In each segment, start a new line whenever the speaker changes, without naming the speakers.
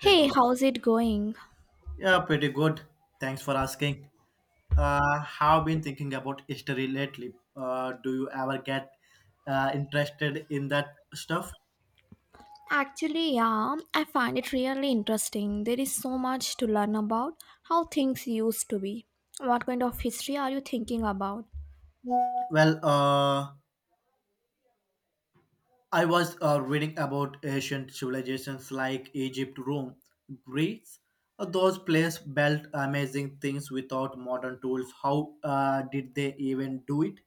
Hey God.
how's it going?
Yeah, pretty good. Thanks for asking. Have been thinking about history lately. Do you ever get interested in that stuff?
Actually, yeah, I find it really interesting. There is so much to learn about how things used to be. What kind of history are you thinking about?
Well, I was reading about ancient civilizations like Egypt, Rome, Greece. Those places built amazing things without modern tools. How did they even do it?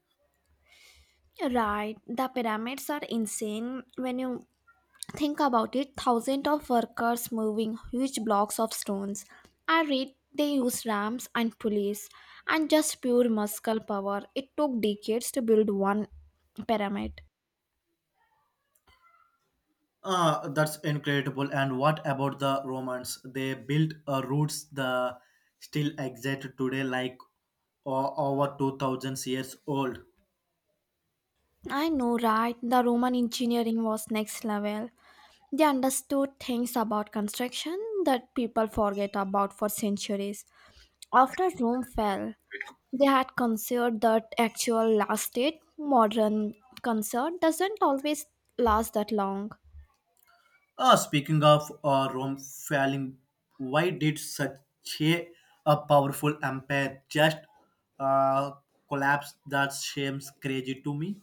Right, the pyramids are insane when you think about it. Thousands of workers moving huge blocks of stones. I read they used ramps and pulleys and just pure muscle power. It took decades to build one pyramid.
That's incredible. And what about the Romans? They built routes that still exist today, like over 2000 years old.
I know, right? The Roman engineering was next level. They understood things about construction that people forget about for centuries. After Rome fell, they had considered that actual last date. Modern concert doesn't always last that long.
Speaking of Rome falling, why did such a, a powerful empire just uh, collapse? That seems crazy to me.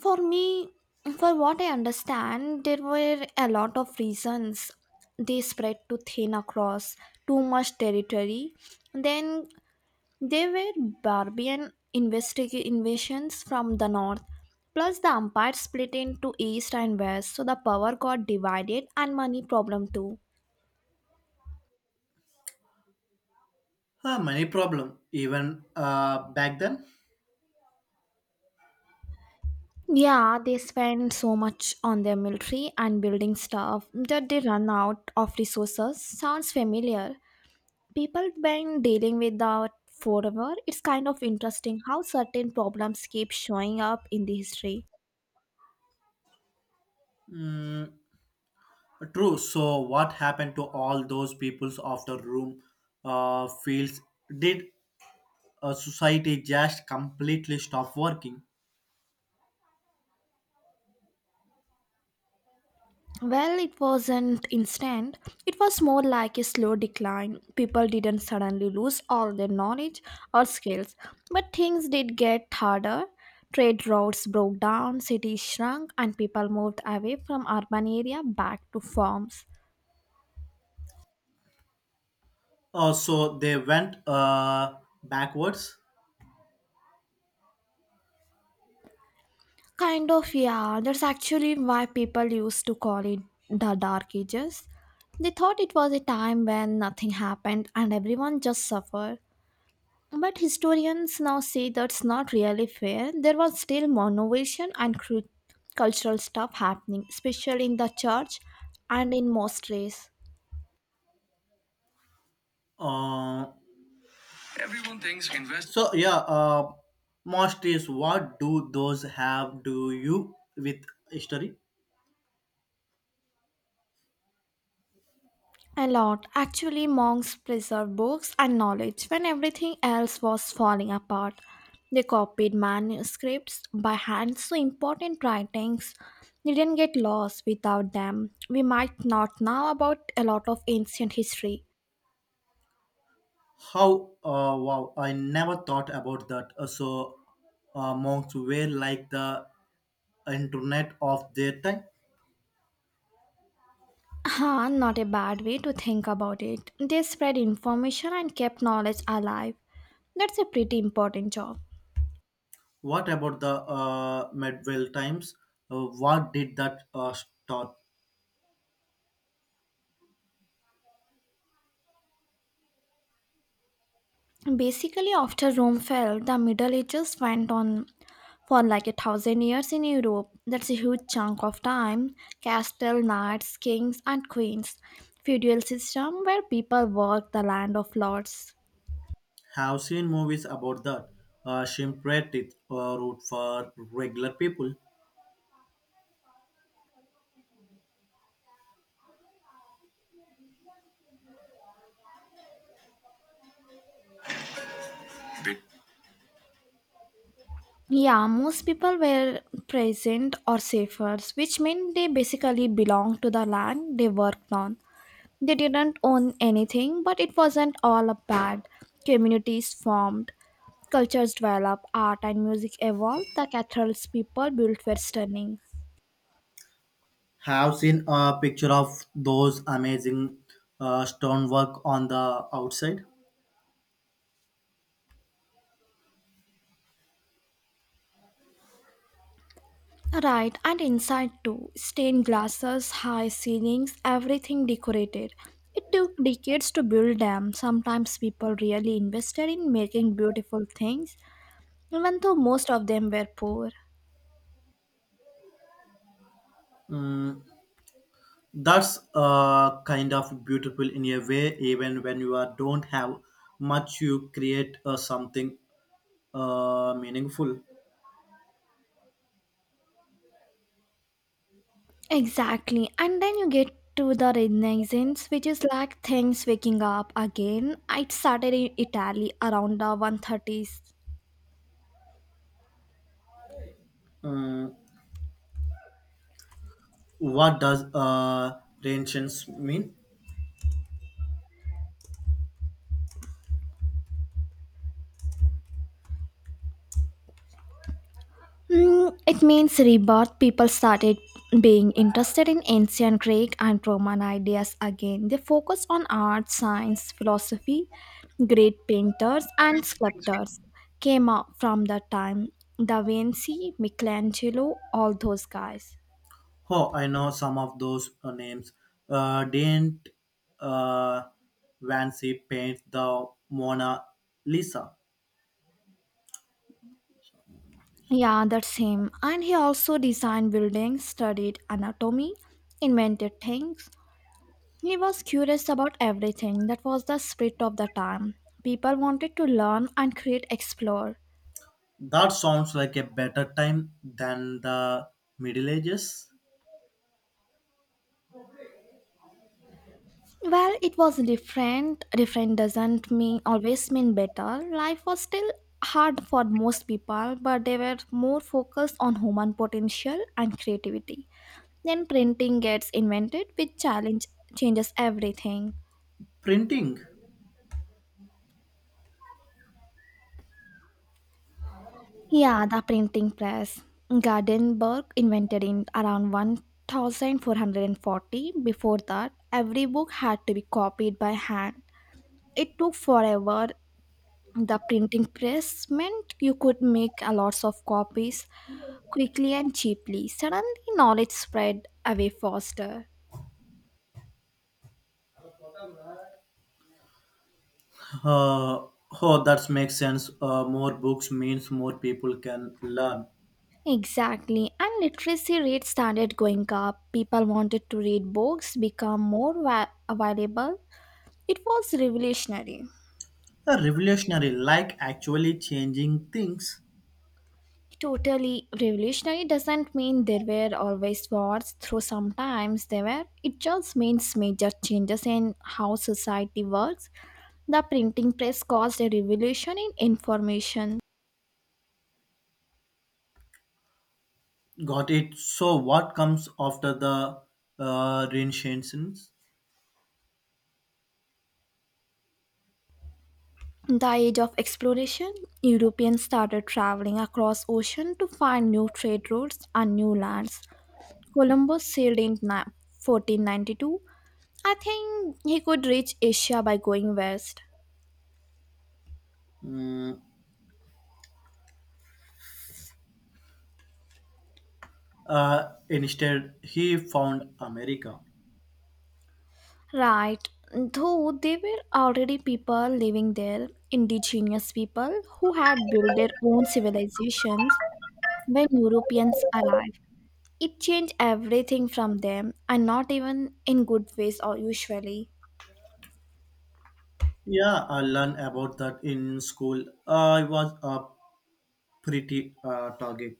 For me, for what I understand, there were a lot of reasons they spread too thin across too much territory. Then they were barbarian invasions from the north, plus the empire split into east and west, so the power got divided and money problem too.
Many problem even back then.
Yeah, they spent so much on their military and building stuff that they run out of resources. Sounds familiar. People been dealing with that forever. It's kind of interesting how certain problems keep showing up in the history.
Mm, True. So, what happened to all those peoples after room fields? Did society just completely stop working?
Well, it wasn't instant. It was more like a slow decline. People didn't suddenly lose all their knowledge or skills, but things did get harder. Trade routes broke down, cities shrunk, and people moved away from urban area back to farms.
So they went backwards.
Kind of, yeah, that's actually why people used to call it the Dark Ages. They thought it was a time when nothing happened and everyone just suffered. But historians now say that's not really fair. There was still more innovation and cultural stuff happening, especially in the church and in monasteries.
Uh, Everyone thinks invest. So yeah, most is what do those have? Do you with history?
A lot. Actually, monks preserved books and knowledge when everything else was falling apart. They copied manuscripts by hand, so important writings didn't get lost without them. We might not know about a lot of ancient history.
How? Wow! I never thought about that. So monks were like the internet of their time.
Huh, not a bad way to think about it. They spread information and kept knowledge alive. That's a pretty important job.
What about the medieval times? What did that start?
Basically, after Rome fell, the Middle Ages went on for like 1,000 years in Europe. That's a huge chunk of time. Castle, knights, kings, and queens. Feudal system where people worked the land of lords.
Have seen movies about that. Shimpratit route for regular people.
Yeah, most people were present or safer, which meant they basically belonged to the land they worked on. They didn't own anything, but it wasn't all a bad. Communities formed, cultures developed, art and music evolved, the cathedrals people built were stunning.
Have seen a picture of those amazing stonework on the outside.
Right, and inside too, stained glasses, high ceilings, everything decorated. It took decades to build them. Sometimes people really invested in making beautiful things, even though most of them were poor.
That's kind of beautiful in a way. Even when you are, don't have much, you create something meaningful.
Exactly. And then you get to the Renaissance, which is like things waking up again. It started in Italy around the 130s.
Mm, What does Renaissance mean?
Mm, it means rebirth. People started being interested in ancient Greek and Roman ideas again. They focused on art, science, philosophy. Great painters and sculptors came up from that time. Da Vinci, Michelangelo, all those guys.
Oh, I know some of those names. Didn't uh, Vancy paint the Mona Lisa?
Yeah, that's him. And he also designed buildings, studied anatomy, invented things. He was curious about everything. That was the spirit of the time. People wanted to learn and create, explore.
That sounds like a better time than the Middle Ages.
Well, it was different. Different doesn't mean always mean better. Life was still hard for most people, but they were more focused on human potential and creativity. Then printing gets invented, which challenge changes everything.
Printing.
Yeah, the printing press. Gutenberg invented in around 1440. Before that, every book had to be copied by hand. It took forever. The printing press meant you could make a lots of copies quickly and cheaply. Suddenly, knowledge spread away faster.
Uh, oh, that makes sense. More books means more people can learn.
Exactly, and literacy rates started going up. People wanted to read books, become more available. It was revolutionary.
A revolutionary, like actually changing things.
Totally revolutionary doesn't mean there were always wars, though sometimes there were. It just means major changes in how society works. The printing press caused a revolution in information.
Got it. So, what comes after the Renaissance?
The age of exploration, Europeans started traveling across ocean to find new trade routes and new lands. Columbus sailed in 1492. I think he could reach Asia by going west.
Mm, Instead, he found America.
Right, though they were already people living there, indigenous people who had built their own civilizations when Europeans arrived. It changed everything from them, and not even in good ways or usually.
Yeah, I learned about that in school. I was a pretty target,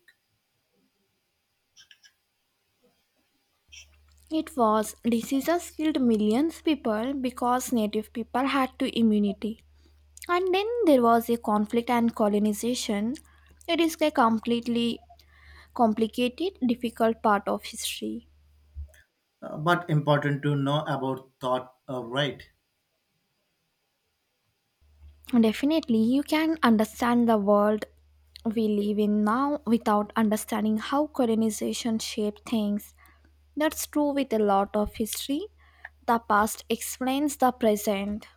It was diseases killed millions people because native people had to immunity. And then there was a conflict and colonization. It is a completely complicated, difficult part of history.
but important to know about thought, right?
Definitely, you can understand the world we live in now without understanding how colonization shaped things. That's true with a lot of history. The past explains the present.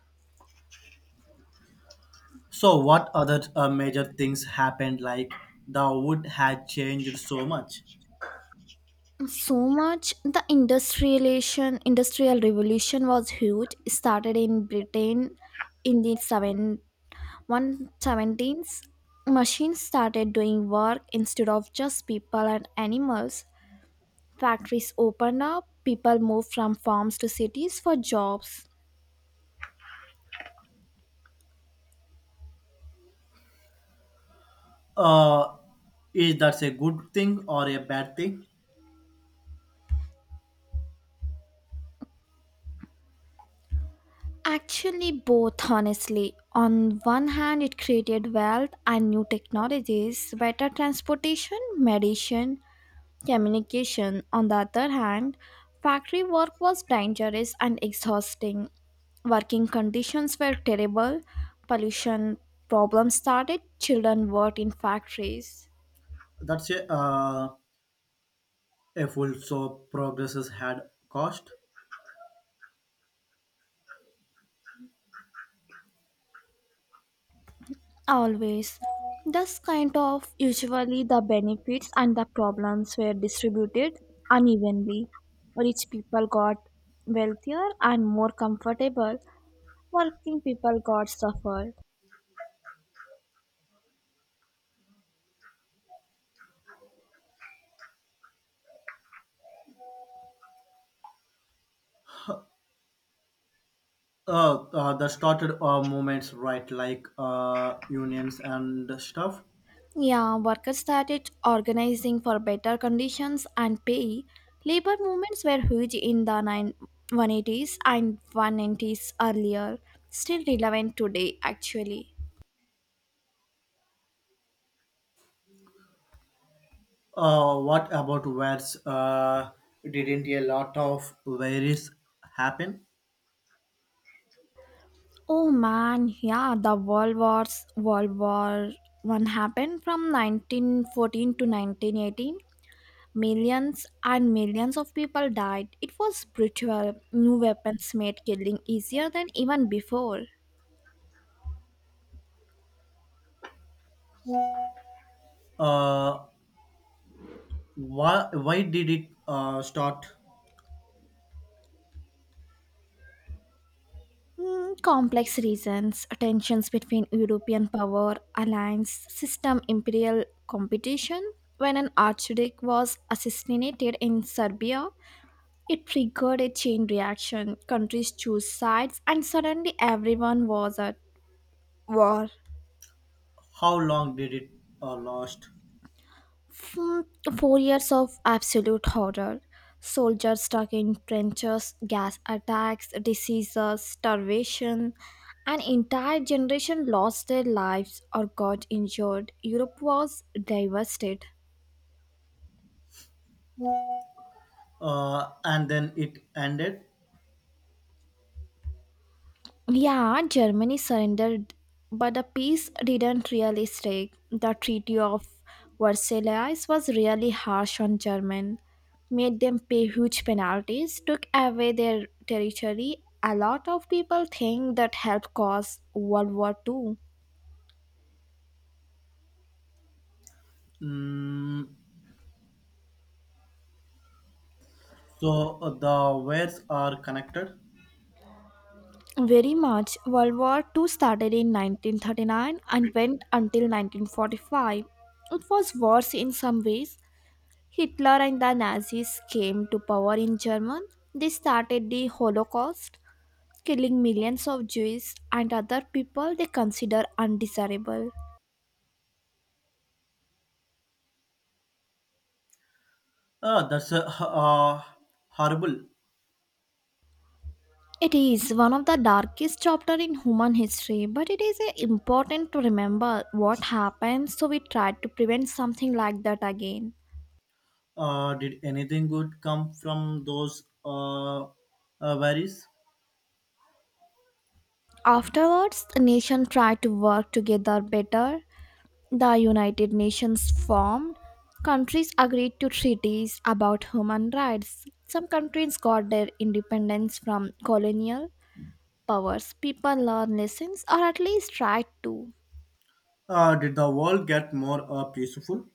So, what other major things happened? Like the wood had changed so much.
So much the industrial revolution was huge. It started in Britain in the 7 117s. Machines started doing work instead of just people and animals. Factories open up, people move from farms to cities for jobs.
Uh, is that a good thing or a bad thing?
Actually, both, honestly. On one hand, it created wealth and new technologies, better transportation, medicine, communication. On the other hand, factory work was dangerous and exhausting. Working conditions were terrible, pollution problems started, children worked in factories.
That's a A full so progresses had cost.
Always. Thus, kind of usually the benefits and the problems were distributed unevenly. Rich people got wealthier and more comfortable, working people got suffered.
The started movements, right, like unions and stuff.
Yeah, workers started organizing for better conditions and pay. Labor movements were huge in the 9 180s and 190s earlier, still relevant today actually.
What about where's didn't a lot of various happen?
Oh man, yeah, the World Wars, World War One happened from 1914 to 1918. Millions and millions of people died. It was brutal. New weapons made killing easier than even before.
Uh, why did it start?
Hmm, complex reasons, tensions between European power, alliance, system, imperial competition. When an archduke was assassinated in Serbia, it triggered a chain reaction. Countries chose sides, and suddenly everyone was at war.
How long did it last?
Hmm, 4 years of absolute horror. Soldiers stuck in trenches, gas attacks, diseases, starvation. An entire generation lost their lives or got injured. Europe was devastated.
And then it ended.
Yeah, Germany surrendered, but the peace didn't really stick. The Treaty of Versailles was really harsh on German, made them pay huge penalties, took away their territory. A lot of people think that helped cause World War Two.
Mm, so the wares are connected.
Very much. World War Two started in 1939 and went until 1945. It was worse in some ways, Hitler and the Nazis came to power in Germany. They started the Holocaust, killing millions of Jews and other people they consider undesirable.
Ah, that's horrible.
It is one of the darkest chapters in human history, but it is important to remember what happened so we try to prevent something like that again.
Did anything good come from those worries?
Afterwards, the nation tried to work together better. The United Nations formed. Countries agreed to treaties about human rights. Some countries got their independence from colonial powers. People learn lessons, or at least try to.
Did the world get more peaceful?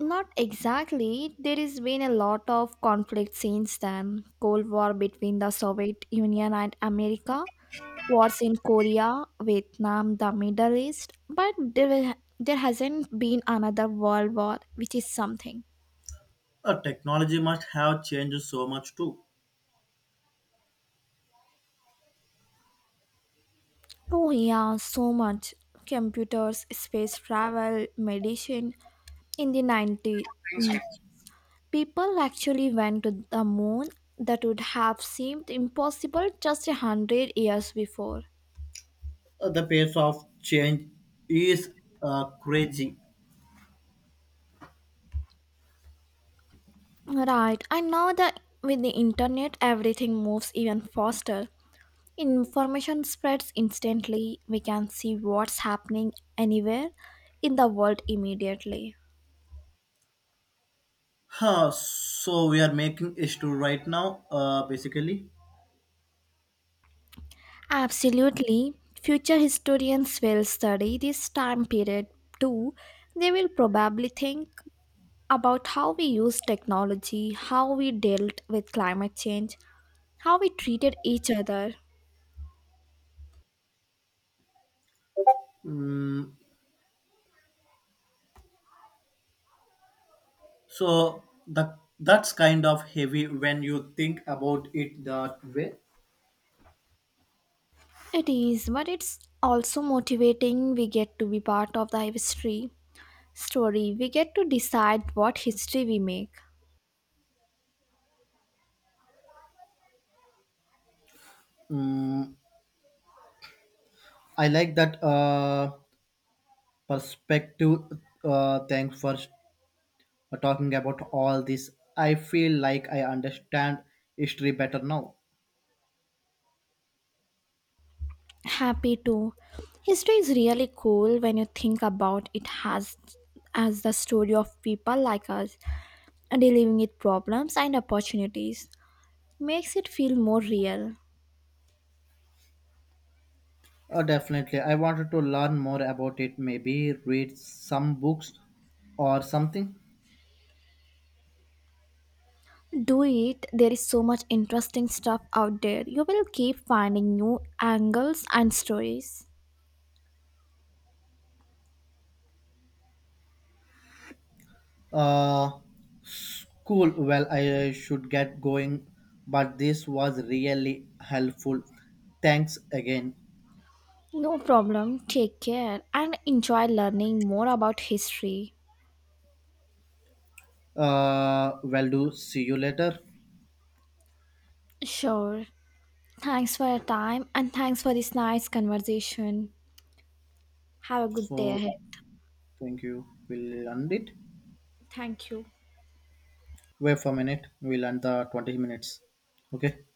Not exactly. There has been a lot of conflict since then. Cold War between the Soviet Union and America, wars in Korea, Vietnam, the Middle East. But there hasn't been another world war, which is something.
Technology must have changed so much too.
Oh, yeah, so much. Computers, space travel, medicine. In the 90s, people actually went to the moon that would have seemed impossible just 100 years before.
The pace of change is crazy.
Right, I know that with the internet, everything moves even faster. Information spreads instantly. We can see what's happening anywhere in the world immediately.
Huh, so we are making issue right now, basically.
Absolutely. Future historians will study this time period too. They will probably think about how we used technology, how we dealt with climate change, how we treated each other.
Mm, so that's kind of heavy when you think about it that way.
It is, but it's also motivating we get to be part of the history story. We get to decide what history we make.
Mm, I like that. Perspective. Thanks for talking about all this. I feel like I understand history better now.
Happy too. History is really cool when you think about it has as the story of people like us dealing with problems and opportunities makes it feel more real.
Definitely. I wanted to learn more about it, maybe read some books or something.
Do it, there is so much interesting stuff out there. You will keep finding new angles and stories.
Uh, cool. Well, I should get going, but this was really helpful. Thanks again.
No problem, take care and enjoy learning more about history.
Well, do see you later.
Sure. Thanks for your time and thanks for this nice conversation. Have a good day
So,
ahead.
thank you. We'll end it.
Thank you.
Wait for a minute. We'll end the 20 minutes. Okay.